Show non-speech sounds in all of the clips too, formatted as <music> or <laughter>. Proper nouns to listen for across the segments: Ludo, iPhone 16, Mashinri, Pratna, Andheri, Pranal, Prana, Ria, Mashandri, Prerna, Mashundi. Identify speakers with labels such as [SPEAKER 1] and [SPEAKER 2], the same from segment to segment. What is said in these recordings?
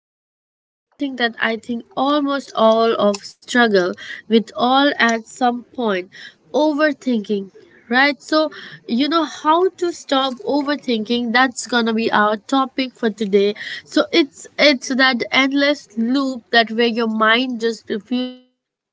[SPEAKER 1] diving into something that I think almost all of struggle with all at some point overthinking, right? So, you know how to stop overthinking, that's gonna be our topic for today. So it's that endless loop that where your mind just refuses to rest.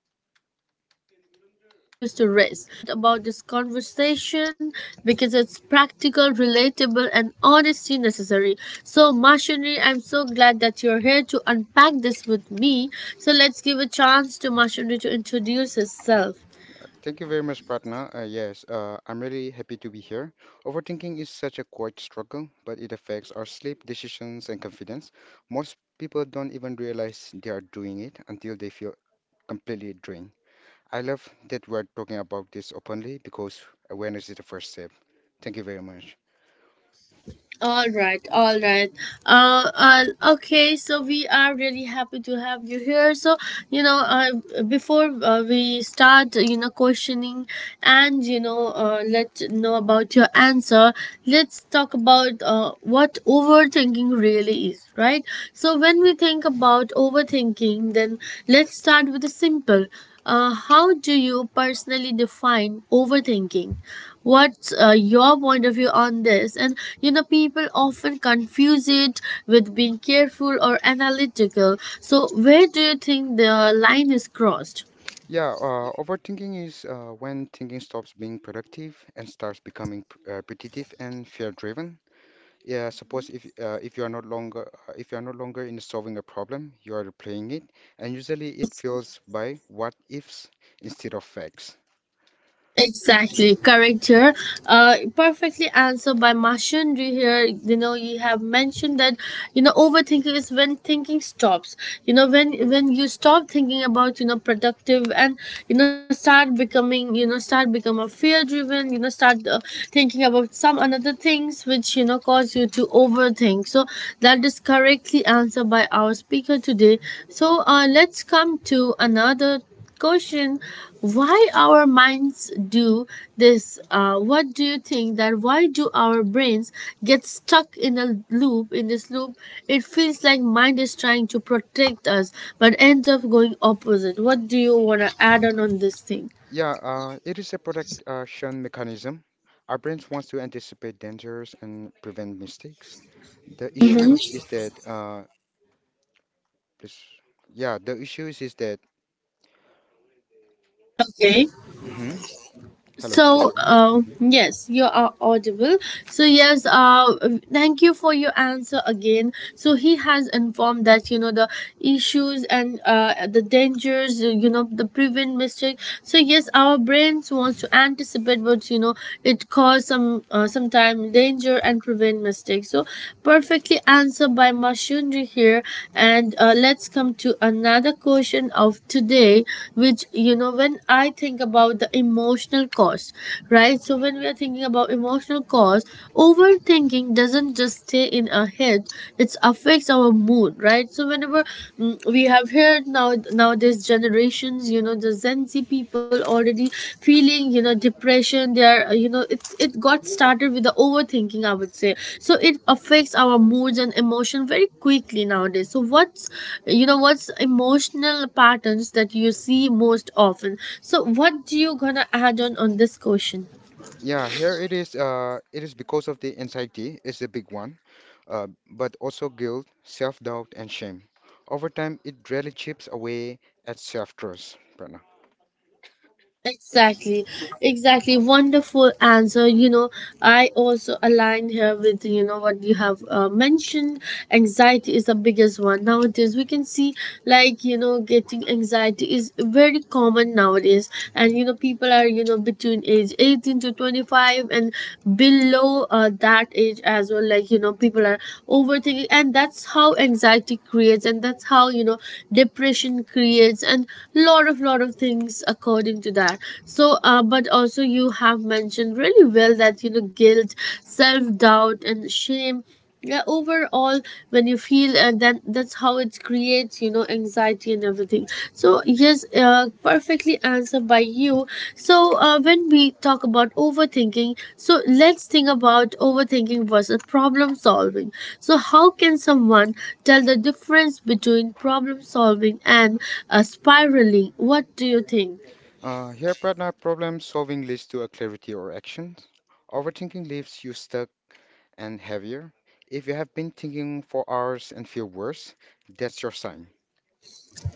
[SPEAKER 1] So I am really excited about this conversation because it's practical, relatable, and honesty necessary. So Mashinri, I'm so glad that you're here to unpack this with me. So let's give a chance to Mashinri to introduce herself.
[SPEAKER 2] Thank you very much, Pratna. Yes, I'm really happy to be here. Overthinking is such a quiet struggle, but it affects our sleep, decisions, and confidence. Most people don't even realize they are doing it until they feel completely drained. I love that we're talking about this openly because awareness is the first step. Thank you very much.
[SPEAKER 1] All right, all right. Uh, uh, okay, so we are really happy to have you here. So, before we start, questioning and, let know about your answer, let's talk about what overthinking really is, right? So, when we think about overthinking, then let's start with the simple. How do you personally define overthinking? What's your point of view on this? And people often confuse it with being careful or analytical. So, where do you think the line is crossed?
[SPEAKER 2] Yeah, Overthinking is when thinking stops being productive and starts becoming repetitive and fear-driven. Yeah, suppose if you are not longer if you are no longer in solving a problem, you are replaying it, and usually it fills by what ifs instead of facts.
[SPEAKER 1] Exactly, correct here. Perfectly answered by Mashandri here. You have mentioned that overthinking is when thinking stops. When you stop thinking about, productive, and start becoming, start become a fear driven. Start thinking about some another things which, cause you to overthink. So that is correctly answered by our speaker today. So let's come to another question, why our minds do this. What do you think, that why do our brains get stuck in a loop, in this loop? It feels like mind is trying to protect us but ends up going opposite. What do you want to add on this thing?
[SPEAKER 2] Yeah, it is a protection mechanism. Our brains wants to anticipate dangers and prevent mistakes. The issues is that this, yeah, the issues is that.
[SPEAKER 1] Okay.
[SPEAKER 2] hmm Hello, can you
[SPEAKER 1] So,
[SPEAKER 2] hear me? Mhm.
[SPEAKER 1] yes, you are audible. So, yes, thank you for your answer again. So, he has informed that, the issues and the dangers, the prevent mistake. So, yes, our brains wants to anticipate, but, it cause some, sometime danger and prevent mistakes. So, perfectly answered by machinery here. And let's come to another question of today, which, when I think about the emotional cost, right? So, when we are thinking about emotional cost, overthinking doesn't just stay in our head, it affects our mood, right? So, whenever we have heard now nowadays generations, the Gen Z people already feeling, depression. They are it got started with the overthinking, I would say. So it affects our moods and emotion very quickly nowadays. So what's, what's emotional patterns that you see most often? So what do you gonna add on this question?
[SPEAKER 2] Yeah, here it is. It is because of the anxiety is the big one, but also guilt, self-doubt, and shame. Over time, it really chips away at self-trust, Prerna.
[SPEAKER 1] Exactly, exactly. Wonderful answer. I also align here with, what you have mentioned. Anxiety is the biggest one nowadays. We can see, like, getting anxiety is very common nowadays. And,
[SPEAKER 2] Mhm.
[SPEAKER 1] people are, between age 18 to 25 and below that age as well. Like, people are overthinking. And that's how anxiety creates. And that's how, depression creates. And lot of things according to that. So but also you have mentioned really well that, guilt, self-doubt, and shame. Yeah, overall when you feel, and that's how it creates, anxiety and everything. So yes, perfectly answered by you. So when we talk about overthinking, so let's think about overthinking versus problem solving. So how can someone tell the difference between problem solving and spiraling? What do you think?
[SPEAKER 2] Here, Pratna, problem solving leads to a clarity or actions. Overthinking leaves you stuck and heavier. If you have been thinking for hours and feel worse, that's your sign.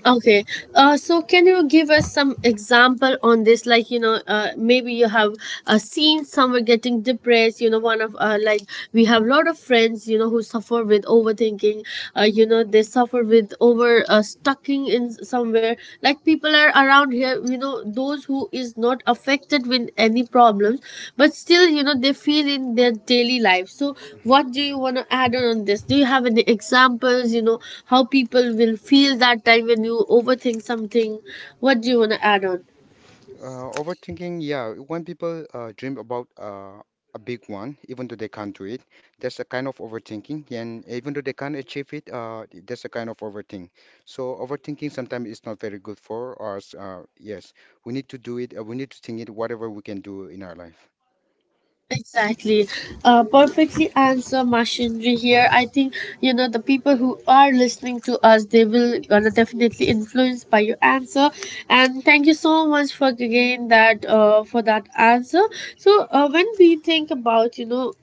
[SPEAKER 1] Okay, so can you give us some example on this? Like, maybe you have seen someone getting depressed. One of like we have a lot of friends. Who suffer with overthinking. They suffer with over stucking in somewhere. Like people are around here, those who is not affected with any problems, but still, they feel in their daily life. So
[SPEAKER 2] Mm-hmm.
[SPEAKER 1] what do you want to add on this? Do you have any examples? How people will feel that time when you overthink something? What do you want to add on?
[SPEAKER 2] Overthinking, yeah. When people dream about a big one, even though they can't do it, that's a kind of overthinking. And even though they can't achieve it, that's a kind of overthink. So overthinking sometimes is not very good for us. Yes, we need to do it. We need to think it, whatever we can do in our life.
[SPEAKER 1] Exactly. Perfectly answer machinery here. I think, the people who are listening to us, they will gonna definitely influenced by your answer. And thank you so much for again that, for that answer. So, when we think about,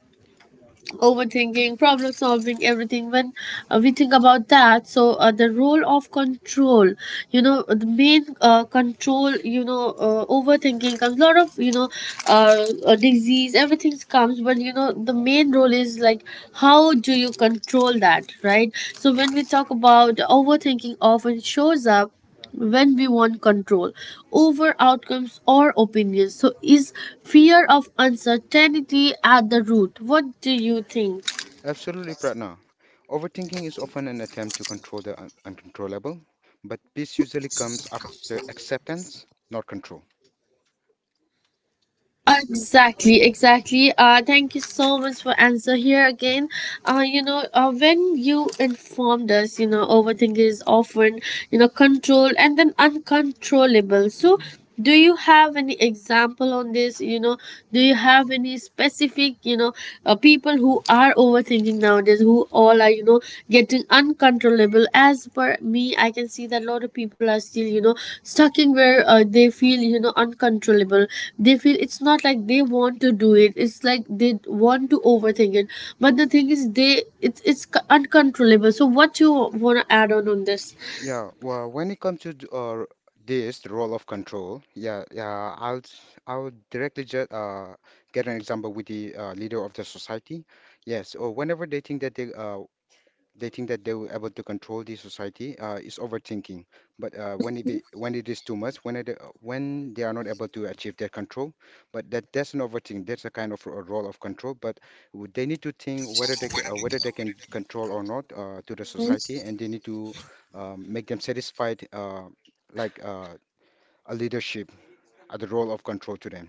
[SPEAKER 1] overthinking, problem solving, everything. When we think about that, so the role of control, the main control, overthinking comes. A lot of, disease, everything comes, but, the main role is like, how do you control that, right? So when we talk about overthinking, often shows up when we want control over outcomes or opinions. So, is fear of uncertainty at the root? What do you think?
[SPEAKER 2] Absolutely, Pratna. Overthinking is often an attempt to control the un uncontrollable, but peace usually comes after acceptance, not control.
[SPEAKER 1] Exactly, exactly. Thank you so much for answer here again. When you informed us, overthinking is often, controlled and then uncontrollable. So, do you have any example on this? Do you have any specific, people who are overthinking? Thinking nowadays, who all are, getting uncontrollable? As per me, I can see that a lot of people are still, stuck in where they feel, uncontrollable. They feel it's not like they want to do it, it's like they want to overthink it. But the thing is, they, it's c- uncontrollable. So what you want to add on this?
[SPEAKER 2] When it comes to the role of control, yeah, yeah, I'll directly just get an example with the leader of the society. Yes, or whenever they think that they think that they were able to control the society is overthinking. But when it is too much, when they are not able to achieve their control, but that's an overthink. That's a kind of a role of control. But they need to think whether they whether they can control or not to the society, and they need to make them satisfied, like uh, a leadership, the role of control to them.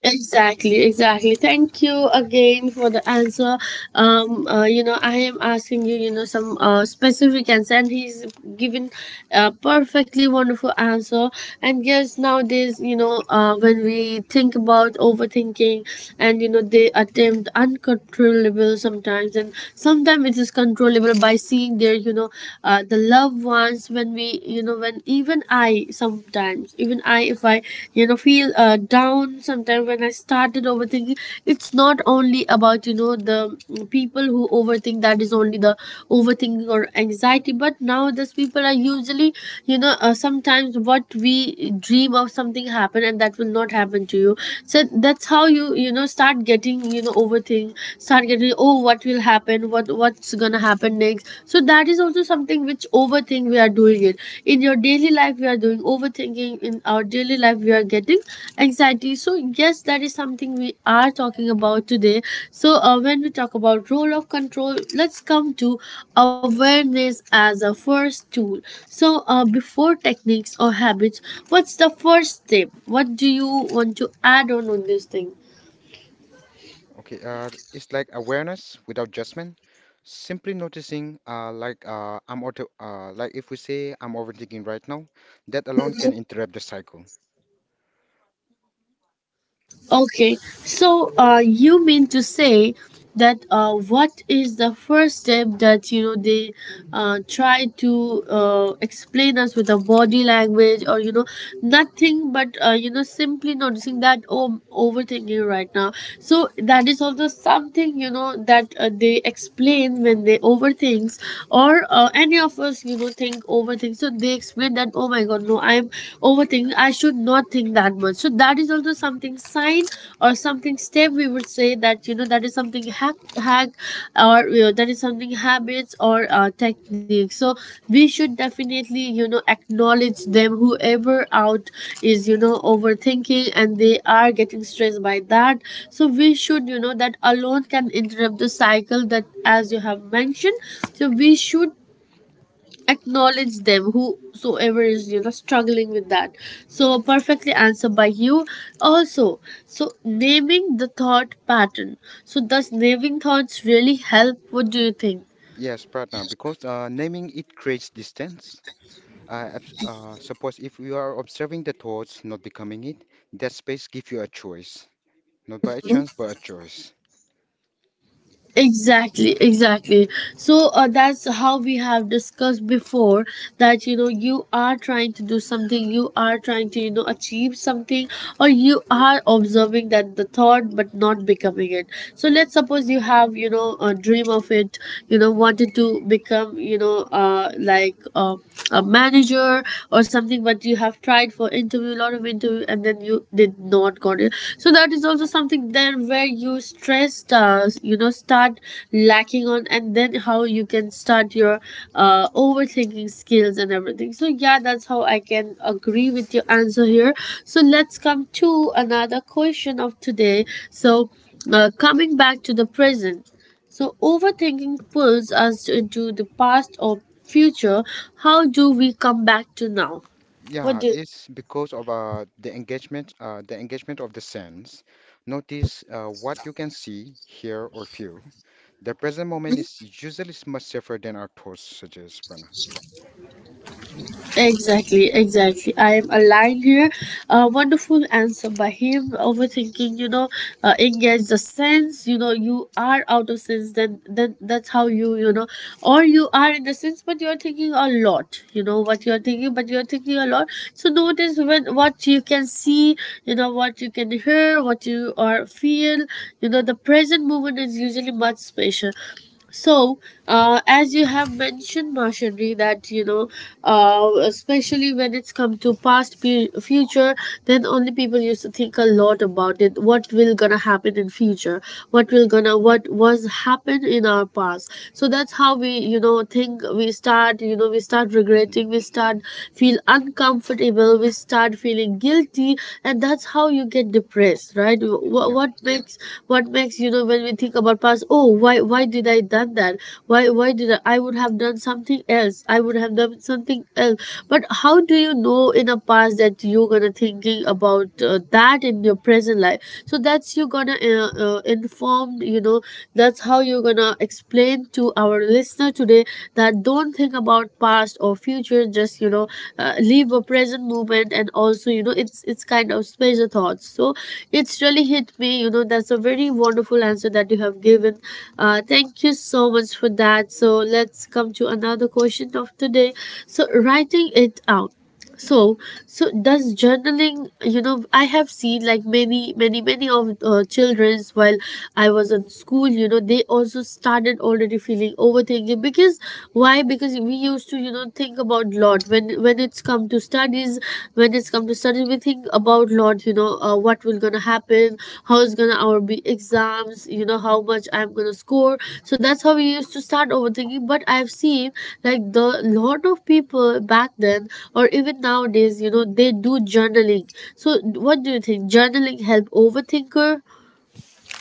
[SPEAKER 1] Exactly, exactly. Thank you again for the answer. I am asking you, some specific answer, and he's given a perfectly wonderful answer. And yes, nowadays, when we think about overthinking, and, they attempt uncontrollable sometimes, and sometimes it is controllable by seeing their, the loved ones. When we, when even I, sometimes, even I, if I, feel down sometimes when I started overthinking. It's not only about, the people who overthink, that is only the overthinking or anxiety. But now these people are usually, sometimes what we dream of something happen, and that will not happen to you. So that's how you, you know, start getting, overthink, start getting, oh, what will happen, what it's gonna happen next. So that is also something which overthink we are doing it in your daily life. We are doing overthinking in our daily life, we are getting anxiety. So yes, that is something we are talking about today. So when we talk about role of control, let's come to awareness as a first tool. So before techniques or habits, what's the first step? What do you want to add on this thing?
[SPEAKER 2] Okay, it's like awareness without judgment, simply noticing, I'm auto, like if we say I'm overthinking right now, that alone can interrupt the cycle.
[SPEAKER 1] Okay, so you mean to say that what is the first step that, they try to explain us with a body language or, nothing, but simply noticing that, oh, I'm overthinking right now. So that is also something, that they explain when they overthinks or any of us, think overthink. So they explain that, oh my god, no, I'm overthinking, I should not think that much. So that is also something sign or something step, we would say, that, that is something hack or, that is something habits or technique. So we should definitely, acknowledge them whoever out is, overthinking and they are getting stressed by that. So we should, that alone can interrupt the cycle, that as you have mentioned. So we should acknowledge them whosoever is, struggling with that. So perfectly answered by you also. So naming the thought pattern, so does naming thoughts really help? What do you think?
[SPEAKER 2] Yes, Pratna, because naming it creates distance. Suppose if you are observing the thoughts, not becoming it, that space gives you a choice, not by a chance, but a choice.
[SPEAKER 1] Exactly, exactly. So that's how we have discussed before, that, you are trying to do something, you are trying to, achieve something, or you are observing that the thought but not becoming it. So let's suppose you have, a dream of it, wanted to become, like a manager or something, but you have tried for interview, lot of interview, and then you did not got it. So that is also something there where you stress, start lacking on, and then how you can start your overthinking skills and everything. So yeah, that's how I can agree with your answer here. So let's come to another question of today. So coming back to the present. So overthinking pulls us into the past or future. How do we come back to now? What
[SPEAKER 2] Yeah,
[SPEAKER 1] do
[SPEAKER 2] it's because of the engagement of the sense. Notice what you can see, hear, or feel. The present moment is usually much safer than our thoughts suggest, Prana.
[SPEAKER 1] Exactly, exactly. I am aligned here. A wonderful answer by him. Overthinking, engage the sense. You know, you are out of sense. Then that's how you, or you are in the sense, but you are thinking a lot. You know what you are thinking, but you are thinking a lot. So notice when what you can see. You know what you can hear, what you are feel. You know the present moment is usually much special. So, as you have mentioned, machinery, that you know, especially when it's come to past, future, then only people used to think a lot about it. What will gonna happen in future? What will gonna what was happened in our past? So that's how we you know think. We start you know we start
[SPEAKER 2] Hmm.
[SPEAKER 1] regretting. We start feel uncomfortable. We start feeling guilty, and that's how you get depressed, right? what,
[SPEAKER 2] Yeah,
[SPEAKER 1] what makes, what makes you know when we think about past? Oh, why did I done that? Why did i would have done something else. I would have done something else, but how do you know in a past that you're gonna thinking about that in your present life? So that's you gonna inform you know, that's how you're gonna explain to our listener today, that don't think about past or future, just you know, live a present moment, and also you know it's kind of space of thoughts. So it's really hit me you know, that's a very wonderful answer that you have given. Thank you so much for that. So let's come to another question of today. So writing it out. So so does journaling, you know, I have seen like many of children's while I was in school, you know they also started already feeling overthinking because, why? Because we used to you know think about lot when it's come to studies, when it's come to studies we think about Lord, you know, what will gonna happen? How is gonna our be exams? You know, how much I'm gonna score? So that's how we used to start overthinking. But I've seen like the lot of people back then, or even nowadays, you know, they do journaling. So what do you think? Journaling help overthinker?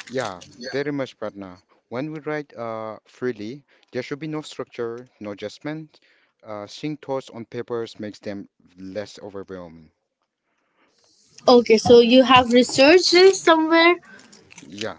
[SPEAKER 2] yeah, very much, Prana. When we write freely, there should be no structure, no judgment. Seeing thoughts on papers makes them less overwhelming.
[SPEAKER 1] Okay, so you have researched this somewhere?
[SPEAKER 2] Yeah.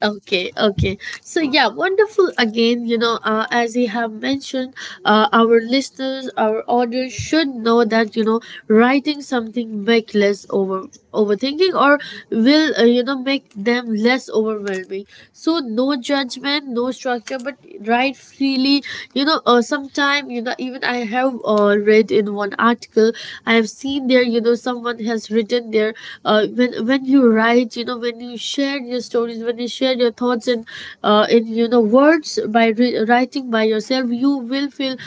[SPEAKER 1] Okay, okay. So yeah, wonderful. Again, you know, as you have mentioned, our listeners, our audience should know that you know writing something make less over overthinking, or will you know make them less overwhelming. So no judgment, no structure, but write freely. You know, sometime you know even I have read in one article. I have seen there, you know someone has written there when when you write, you know when you share your stories, when you share your thoughts in you know words by writing by yourself, you will feel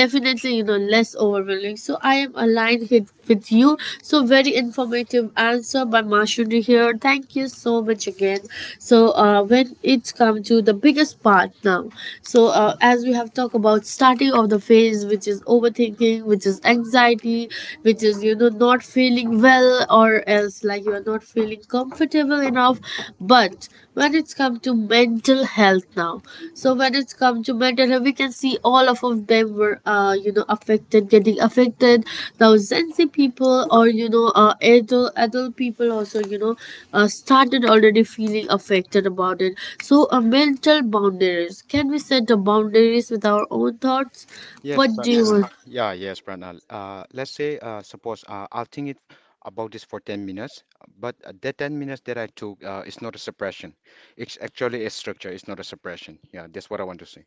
[SPEAKER 1] definitely you know less overwhelming. So I am aligned here with you. So very informative answer by Mashundi here. Thank you so much again. So when it's come to the biggest part now. So as we have talked about starting of the phase, which is overthinking, which is anxiety, which is you know you're not feeling well, or else like you're not feeling comfortable enough. But when it's come to mental health now, so when it's come to mental health we can see all of them were you know affected, getting affected now. Zenzi people or you know adult people also you know started already feeling affected about it. So mental boundaries, can we set the boundaries with our own thoughts?
[SPEAKER 2] Yes,
[SPEAKER 1] What do you Yes,
[SPEAKER 2] Pranal.
[SPEAKER 1] want
[SPEAKER 2] Yeah, yes, Pranal. Let's say, suppose I'll think it about this for 10 minutes, but that 10 minutes that I took is not a suppression. It's actually a structure. It's not a suppression. Yeah, that's what I want to say.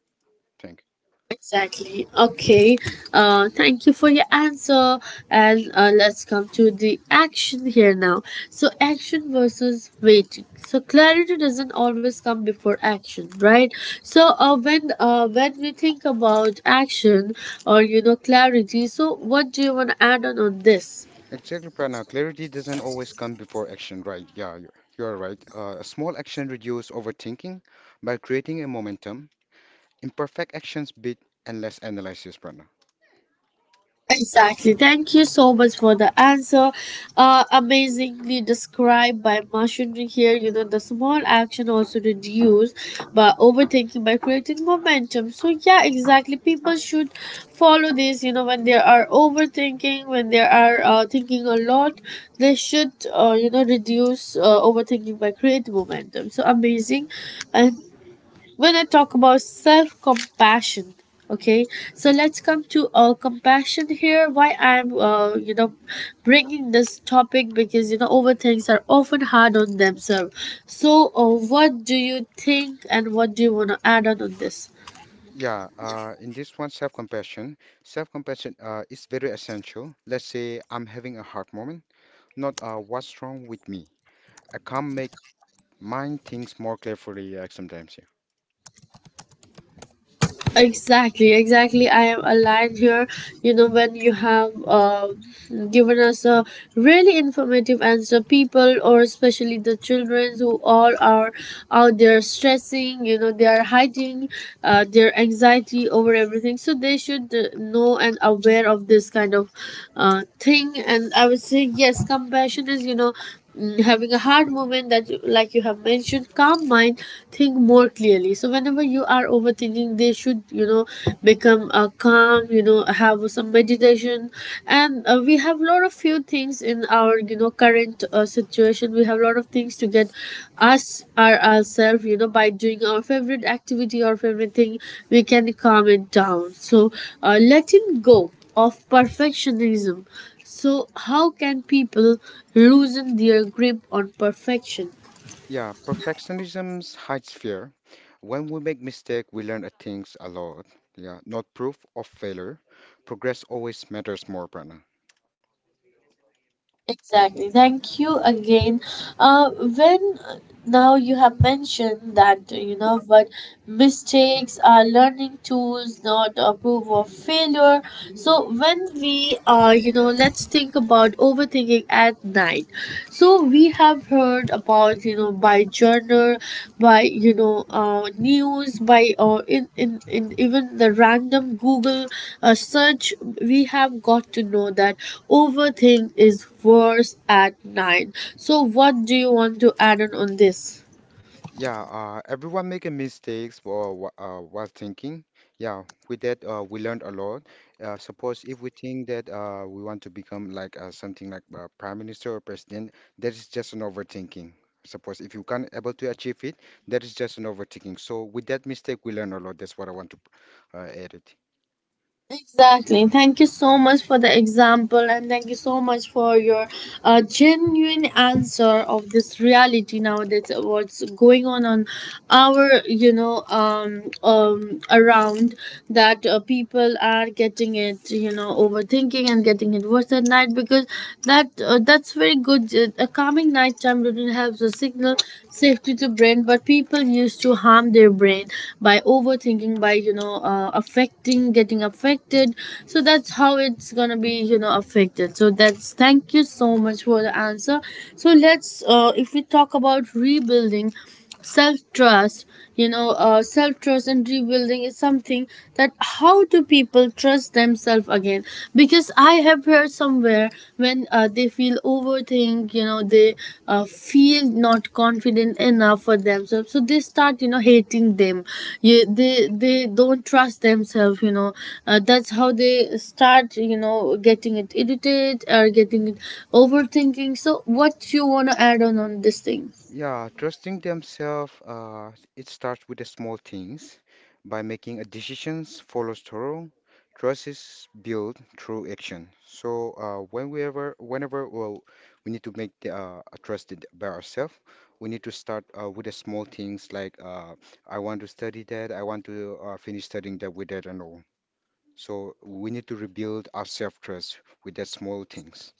[SPEAKER 2] Thank you.
[SPEAKER 1] Exactly. Okay. Thank you for your answer. And let's come to the action here now. So, action versus waiting. So, clarity doesn't always come before action, right? So, when we think about action or you know clarity, so what do you want to add on this?
[SPEAKER 2] Exactly, Prana. Clarity doesn't always come before action, right? Yeah, you are right. A small action reduces overthinking by creating a momentum. Imperfect actions beat endless analysis, Prana.
[SPEAKER 1] Exactly. Thank you so much for the answer. Amazingly described by machinery here. You know, the small action also reduce by overthinking by creating momentum. So yeah, exactly. People should follow this. You know, when they are overthinking, when they are thinking a lot, they should you know reduce overthinking by create momentum. So amazing, and when I talk about self compassion. Okay, so let's come to compassion here. Why I'm, you know, bringing this topic because you know overthinks are often hard on themselves. So, what do you think, and what do you want to add on this?
[SPEAKER 2] Self-compassion. Self-compassion is very essential. Let's say I'm having a hard moment, not what's wrong with me. I can't make mind things more clearly like sometimes.
[SPEAKER 1] Exactly, exactly. I am aligned here. You know, when you have given us a really informative answer, people or especially the children who all are out there stressing, you know, they are hiding their anxiety over everything. So they should know and aware of this kind of thing. And I would say, yes, compassion is, you know, mm, having a hard moment that you, like you have mentioned, calm mind, think more clearly. So whenever you are overthinking, they should you know become calm, you know have some meditation, and we have a lot of few things in our you know current situation. We have a lot of things to get us our ourselves, you know, by doing our favorite activity or favorite thing. We can calm it down. So letting go of perfectionism. So, how can people loosen their grip on perfection?
[SPEAKER 2] Yeah, perfectionism hides fear. When we make mistake, we learn a things a lot. Yeah, not proof of failure. Progress always matters more, Prana.
[SPEAKER 1] Exactly. Thank you again. When now you have mentioned that you know, but mistakes are learning tools, not approve of failure. So when we you know, let's think about overthinking at night. So we have heard about you know by journal, by you know news, by or in even the random Google search, we have got to know that overthink is worse at night. So, what do you want to add on this?
[SPEAKER 2] Yeah, Everyone making mistakes while thinking. Yeah, with that, we learned a lot. Suppose if we think that we want to become like something like prime minister or president, that is just an overthinking. Suppose if you can't able to achieve it, that is just an overthinking. So with that mistake, we learn a lot. That's what I want to add it.
[SPEAKER 1] Exactly. Thank you so much for the example, and thank you so much for your genuine answer of this reality nowadays. What's going on our you know around, that people are getting it you know overthinking and getting it worse at night. Because that that's very good. A calming nighttime routine helps us signal safety to brain, but people used to harm their brain by overthinking, by you know, affecting, getting affected. So that's how it's gonna be, you know, affected. So that's, thank you so much for the answer. So let's, if we talk about rebuilding, self trust, you know self trust and rebuilding is something that, how do people trust themselves again? Because I have heard somewhere, when they feel overthink, you know they feel not confident enough for themselves, so they start you know hating them. Yeah, they don't trust themselves, you know that's how they start you know getting it irritated or getting it overthinking. So what you want to add on this thing?
[SPEAKER 2] Yeah, Trusting themselves, it starts with the small things by making a decisions, follow through. Trust is built through action. So whenever well, we need to make the, a trusted by ourselves, we need to start with the small things I want to study that, I want to finish studying that with that and all. So we need to rebuild our self-trust with that small things.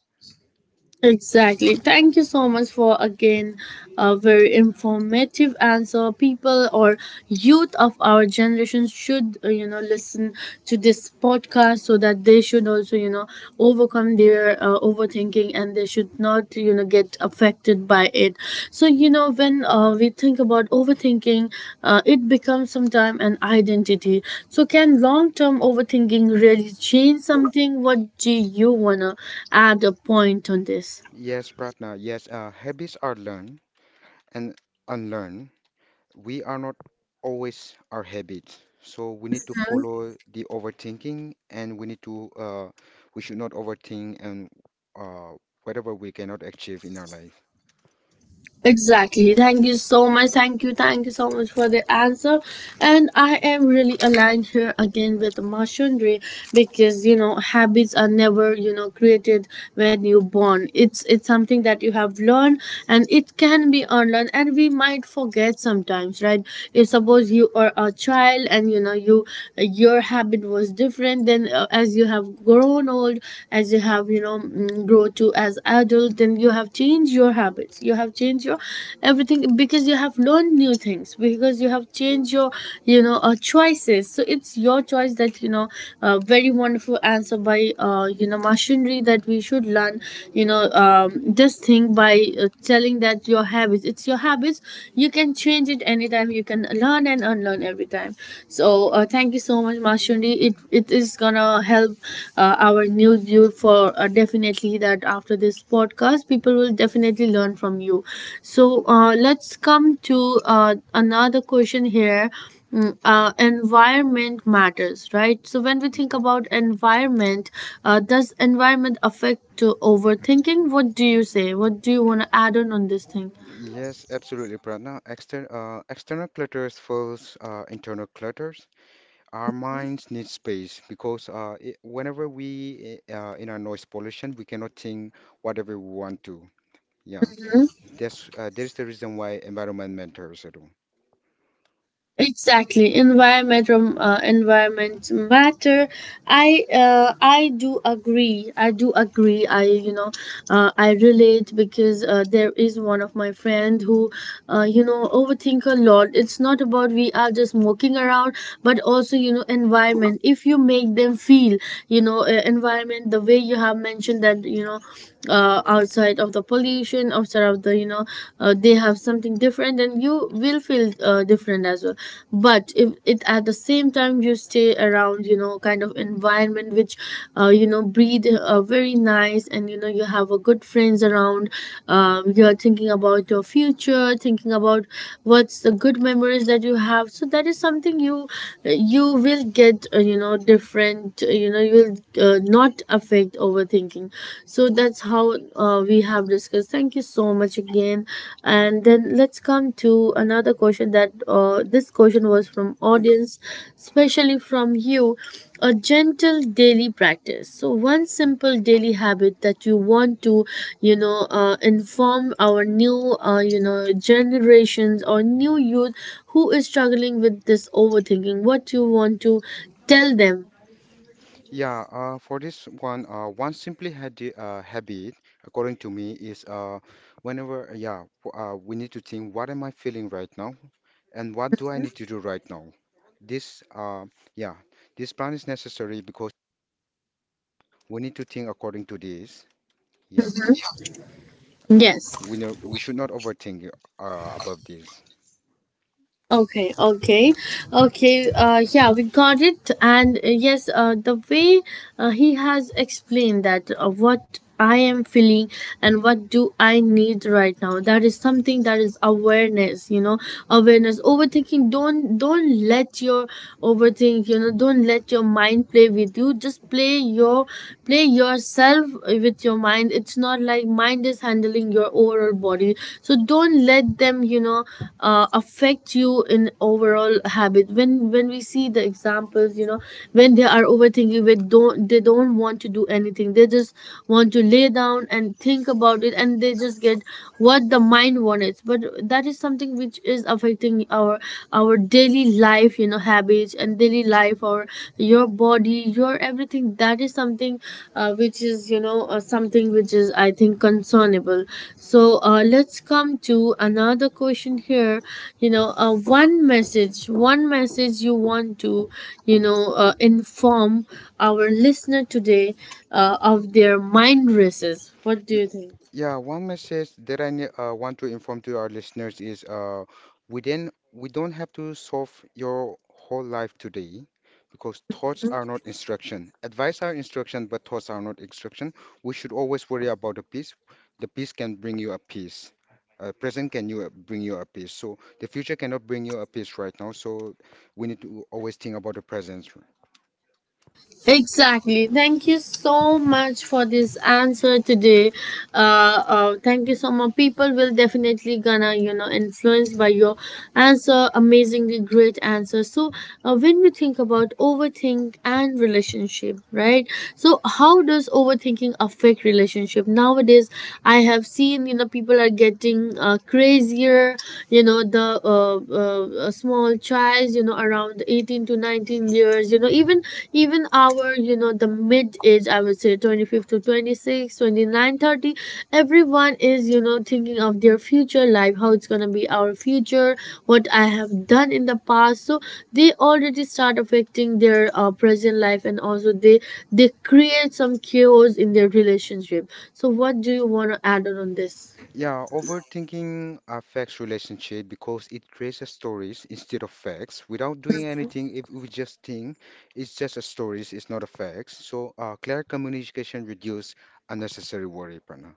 [SPEAKER 1] Exactly. Thank you so much for again a very informative answer. People or youth of our generation should you know listen to this podcast, so that they should also you know overcome their overthinking, and they should not you know get affected by it. So you know when we think about overthinking, it becomes sometime an identity. So can long term overthinking really change something? What do you want to add a point on this?
[SPEAKER 2] Yes, Pratna. Yes, Habits are learned and unlearned, we are not always our habits. So we need to follow the overthinking and we need to, we should not overthink and uh, whatever we cannot achieve in our life.
[SPEAKER 1] Exactly. Thank you so much. Thank you. Thank you so much for the answer. And I am really aligned here again with Mashundri, because you know habits are never you know created when you're born. It's something that you have learned, and it can be unlearned, and we might forget sometimes, right? If suppose you are a child and you know you your habit was different, then as you have grown old, as you have you know grow to as adult, then you have changed your habits, you have changed your everything because you have learned new things, because you have changed your choices. So it's your choice that you know very wonderful answer by you know machinery that we should learn you know um, this thing by telling that your habits, it's your habits, you can change it anytime, you can learn and unlearn every time. So thank you so much, Mashundi. It is gonna help our new youth for definitely that after this podcast, people will definitely learn from you. So let's come to uh, another question here. Environment matters, right? So when we think
[SPEAKER 2] Mhm.
[SPEAKER 1] about environment, does environment affect to overthinking? What do you say? What do you want to add on this thing?
[SPEAKER 2] Yes, absolutely, Pratna. External clutters first, internal clutters. Our minds need space because I whenever we I- in our noise pollution, we cannot think whatever we want to. Yeah, that is the reason why environment matters at all.
[SPEAKER 1] Exactly, environment environment matter. I do agree. I do agree. I you know I relate because there is one of my friend who you know overthink a lot. It's not about we are just walking around, but also you know environment. If you make them feel you know environment the way you have mentioned that you know outside of the pollution, outside of the they have something different and you will feel different as well. But if it at the same time you stay around you know kind of environment which you know breathe very nice, and you know you have a good friends around, you're thinking about your future, thinking about what's the good memories that you have, so that is something you you will get you know different, you know you will not affect overthinking. So that's how we have discussed. Thank you so much again. And then let's come to another question that this question was from audience, especially from you. A gentle daily practice. So one simple daily habit that you want to, you know, inform our new, you know, generations or new youth who is struggling with this overthinking. What you want to tell them?
[SPEAKER 2] One simply had habit, according to me, is we need to think, what am I feeling right now, and what do I need to do right now? This, uh, yeah, this plan is necessary because we need to think according to this. Yeah, we
[SPEAKER 1] Yes.
[SPEAKER 2] know we should not overthink above this.
[SPEAKER 1] Okay, okay, okay. Yeah, we got it. And yes, the way he has explained that what I am feeling and what do I need right now, that is something that is awareness. You know, awareness. Overthinking. Don't let your overthink. You know, don't let your mind play with you. Just play yourself with It's your mind, it's not like mind is handling your overall body, so don't let them you know affect you in overall habit. When we see the examples, you know, when they are overthinking, they don't want to do anything, they just want to lay down and think about it, and they just get what the mind wants. But that is something which is affecting our daily life, you know, habits and daily life, or your body, your everything, that is something which is you know something which is I think concernable. So let's come to another question here. You know one message, you want to you know inform our listener today of their mind races. What do you think?
[SPEAKER 2] Yeah, One message that want to inform to our listeners is we don't have to solve your whole life today because thoughts are not instruction. Advice are instruction, but thoughts are not instruction. We should always worry about the peace. The peace can bring you a peace. Present can you bring you a peace. So the future cannot bring you a peace right now. So we need to always think about the present.
[SPEAKER 1] Exactly. Thank you so much for this answer today. Thank you so much. People will definitely gonna you know influenced by your answer. Amazingly great answer. So when we think about overthink and relationship, right? So how does overthinking affect relationship nowadays? I have seen you know people are getting crazier. You know the small child you know around 18 to 19 years, you know, even our you know the mid age I would say 25 to 26, 29, 30. Everyone is you know thinking of their future life, how it's gonna be our future, what I have done in the past, so they already start affecting their present life, and also they create some chaos in their relationship. So what do you want to add on this?
[SPEAKER 2] Yeah, Overthinking affects relationship because it creates a stories instead of facts. Without doing anything, if we just think it's just a stories, it's not a facts. So clear communication reduce unnecessary worry, Prana.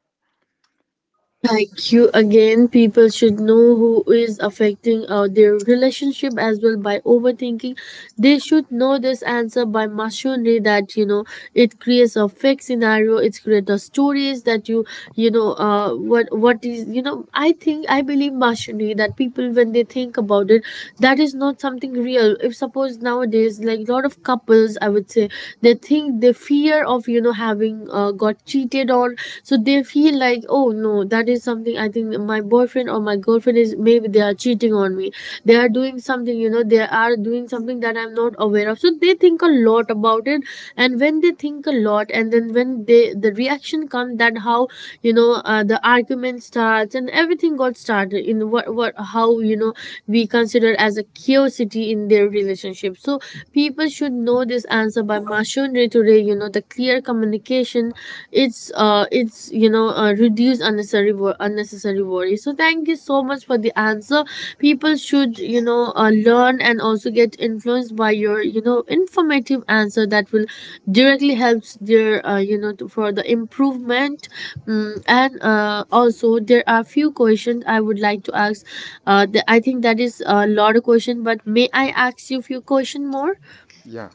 [SPEAKER 1] Thank you again. People should know who is affecting their relationship as well by overthinking. They should know this answer by machinery, that you know it creates a fake scenario. It creates a stories that you know what is you know I think I believe machinery that people when they think about it, that is not something real. If suppose nowadays like lot of couples I would say, they think they fear of you know having got cheated on, so they feel like oh no, that is something I think my boyfriend or my girlfriend is maybe they are cheating on me, they are doing something, you know, they are doing something that I'm not aware of, so they think a lot about it. And when they think a lot, and then when they the reaction comes, that how you know the argument starts, and everything got started in what how you know we consider as a curiosity in their relationship. So people should know this answer by machinery to you know the clear communication, it's you know reduce unnecessary worry. So thank you so much for the answer. People should you know learn and also get influenced by your you know informative answer that will directly helps their you know to, for the improvement. And also there are few questions I would like to ask I think that is a lot of question, but may I ask you few question more?
[SPEAKER 2] Yeah,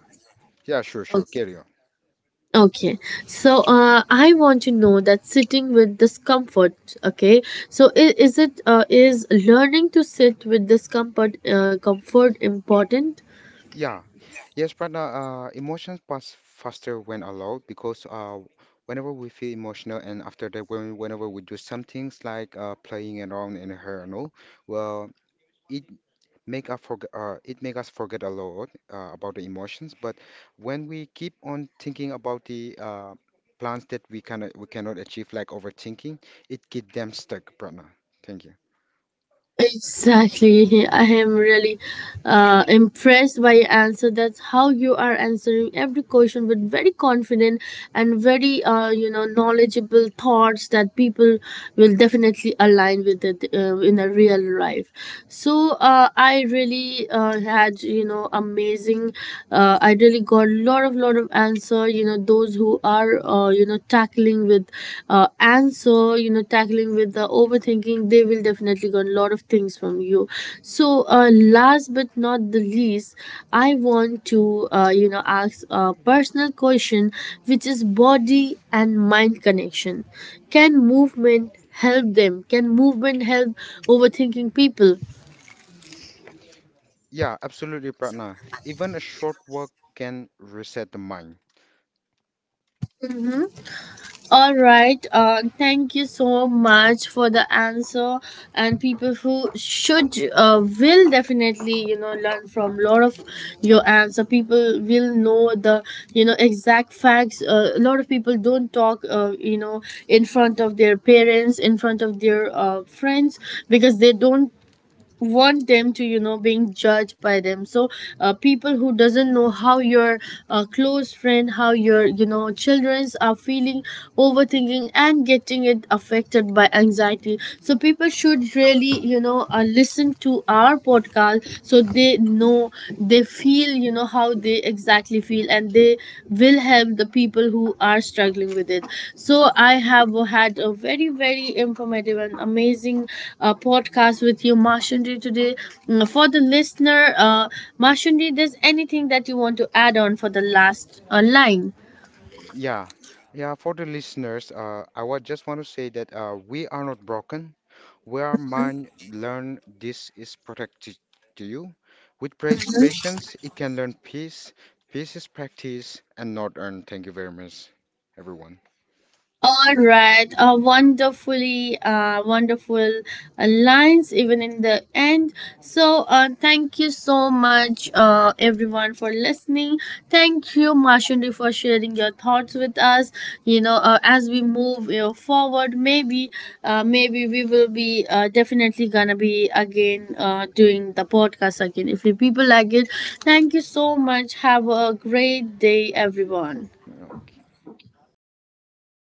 [SPEAKER 2] yeah, sure, sure,
[SPEAKER 1] Okay.
[SPEAKER 2] carry on.
[SPEAKER 1] Okay, so I want to know that sitting with discomfort. Okay, so is it is learning to sit with discomfort comfort important?
[SPEAKER 2] Yeah, yes, Prana. Emotions pass faster when allowed because whenever we feel emotional and after that, when whenever we do some things playing around in her, no, well. It, make us forget it make us forget a lot about the emotions but when we keep on thinking about the plans that we cannot achieve like overthinking, it get them stuck, Pratna. Thank you.
[SPEAKER 1] Exactly. <laughs> I am really impressed by your answer. That's how you are answering every question with very confident and very, you know, knowledgeable thoughts that people will definitely align with it in a real life. So I really had, you know, amazing. I really got a lot of answer. You know, those who are you know tackling with answer you know tackling with the overthinking, they will definitely learn a lot of things from you. So uh, last but not the least, I want to you know ask a personal question which is body and mind connection. Can movement help them? Can movement help overthinking people?
[SPEAKER 2] Yeah, absolutely, Pratna. Even a short walk can reset the mind.
[SPEAKER 1] All right. Thank you so much for the answer. And people who should will definitely you know learn from lot of your answer. People will know the you know exact facts. A lot of people don't talk you know in front of their parents, in front of their friends because they don't want them to you know being judged by them. So people who doesn't know how your close friend, how your you know childrens are feeling overthinking and getting it affected by anxiety, so people should really you know listen to our podcast, so they know they feel you know how they exactly feel, and they will help the people who are struggling with it. So I have had a very very informative and amazing podcast with you Mashundi today. For the listener, uh, Mashundi, there's anything that you want to add on for the last line?
[SPEAKER 2] Yeah, yeah for the listeners, I would just want to say that we are not broken, where man learn this is protected to you. With praise patience, it can learn peace. Peace is practice and not earned. Thank you very much, everyone.
[SPEAKER 1] All right, wonderfully, wonderful lines even in the end. So, thank you so much, everyone, for listening. Thank you, Mashundi, for sharing your thoughts with us. You know, as we move you know, forward, maybe, maybe we will be definitely gonna be again doing the podcast again if you people like it. Thank you so much. Have a great day, everyone.
[SPEAKER 2] Okay.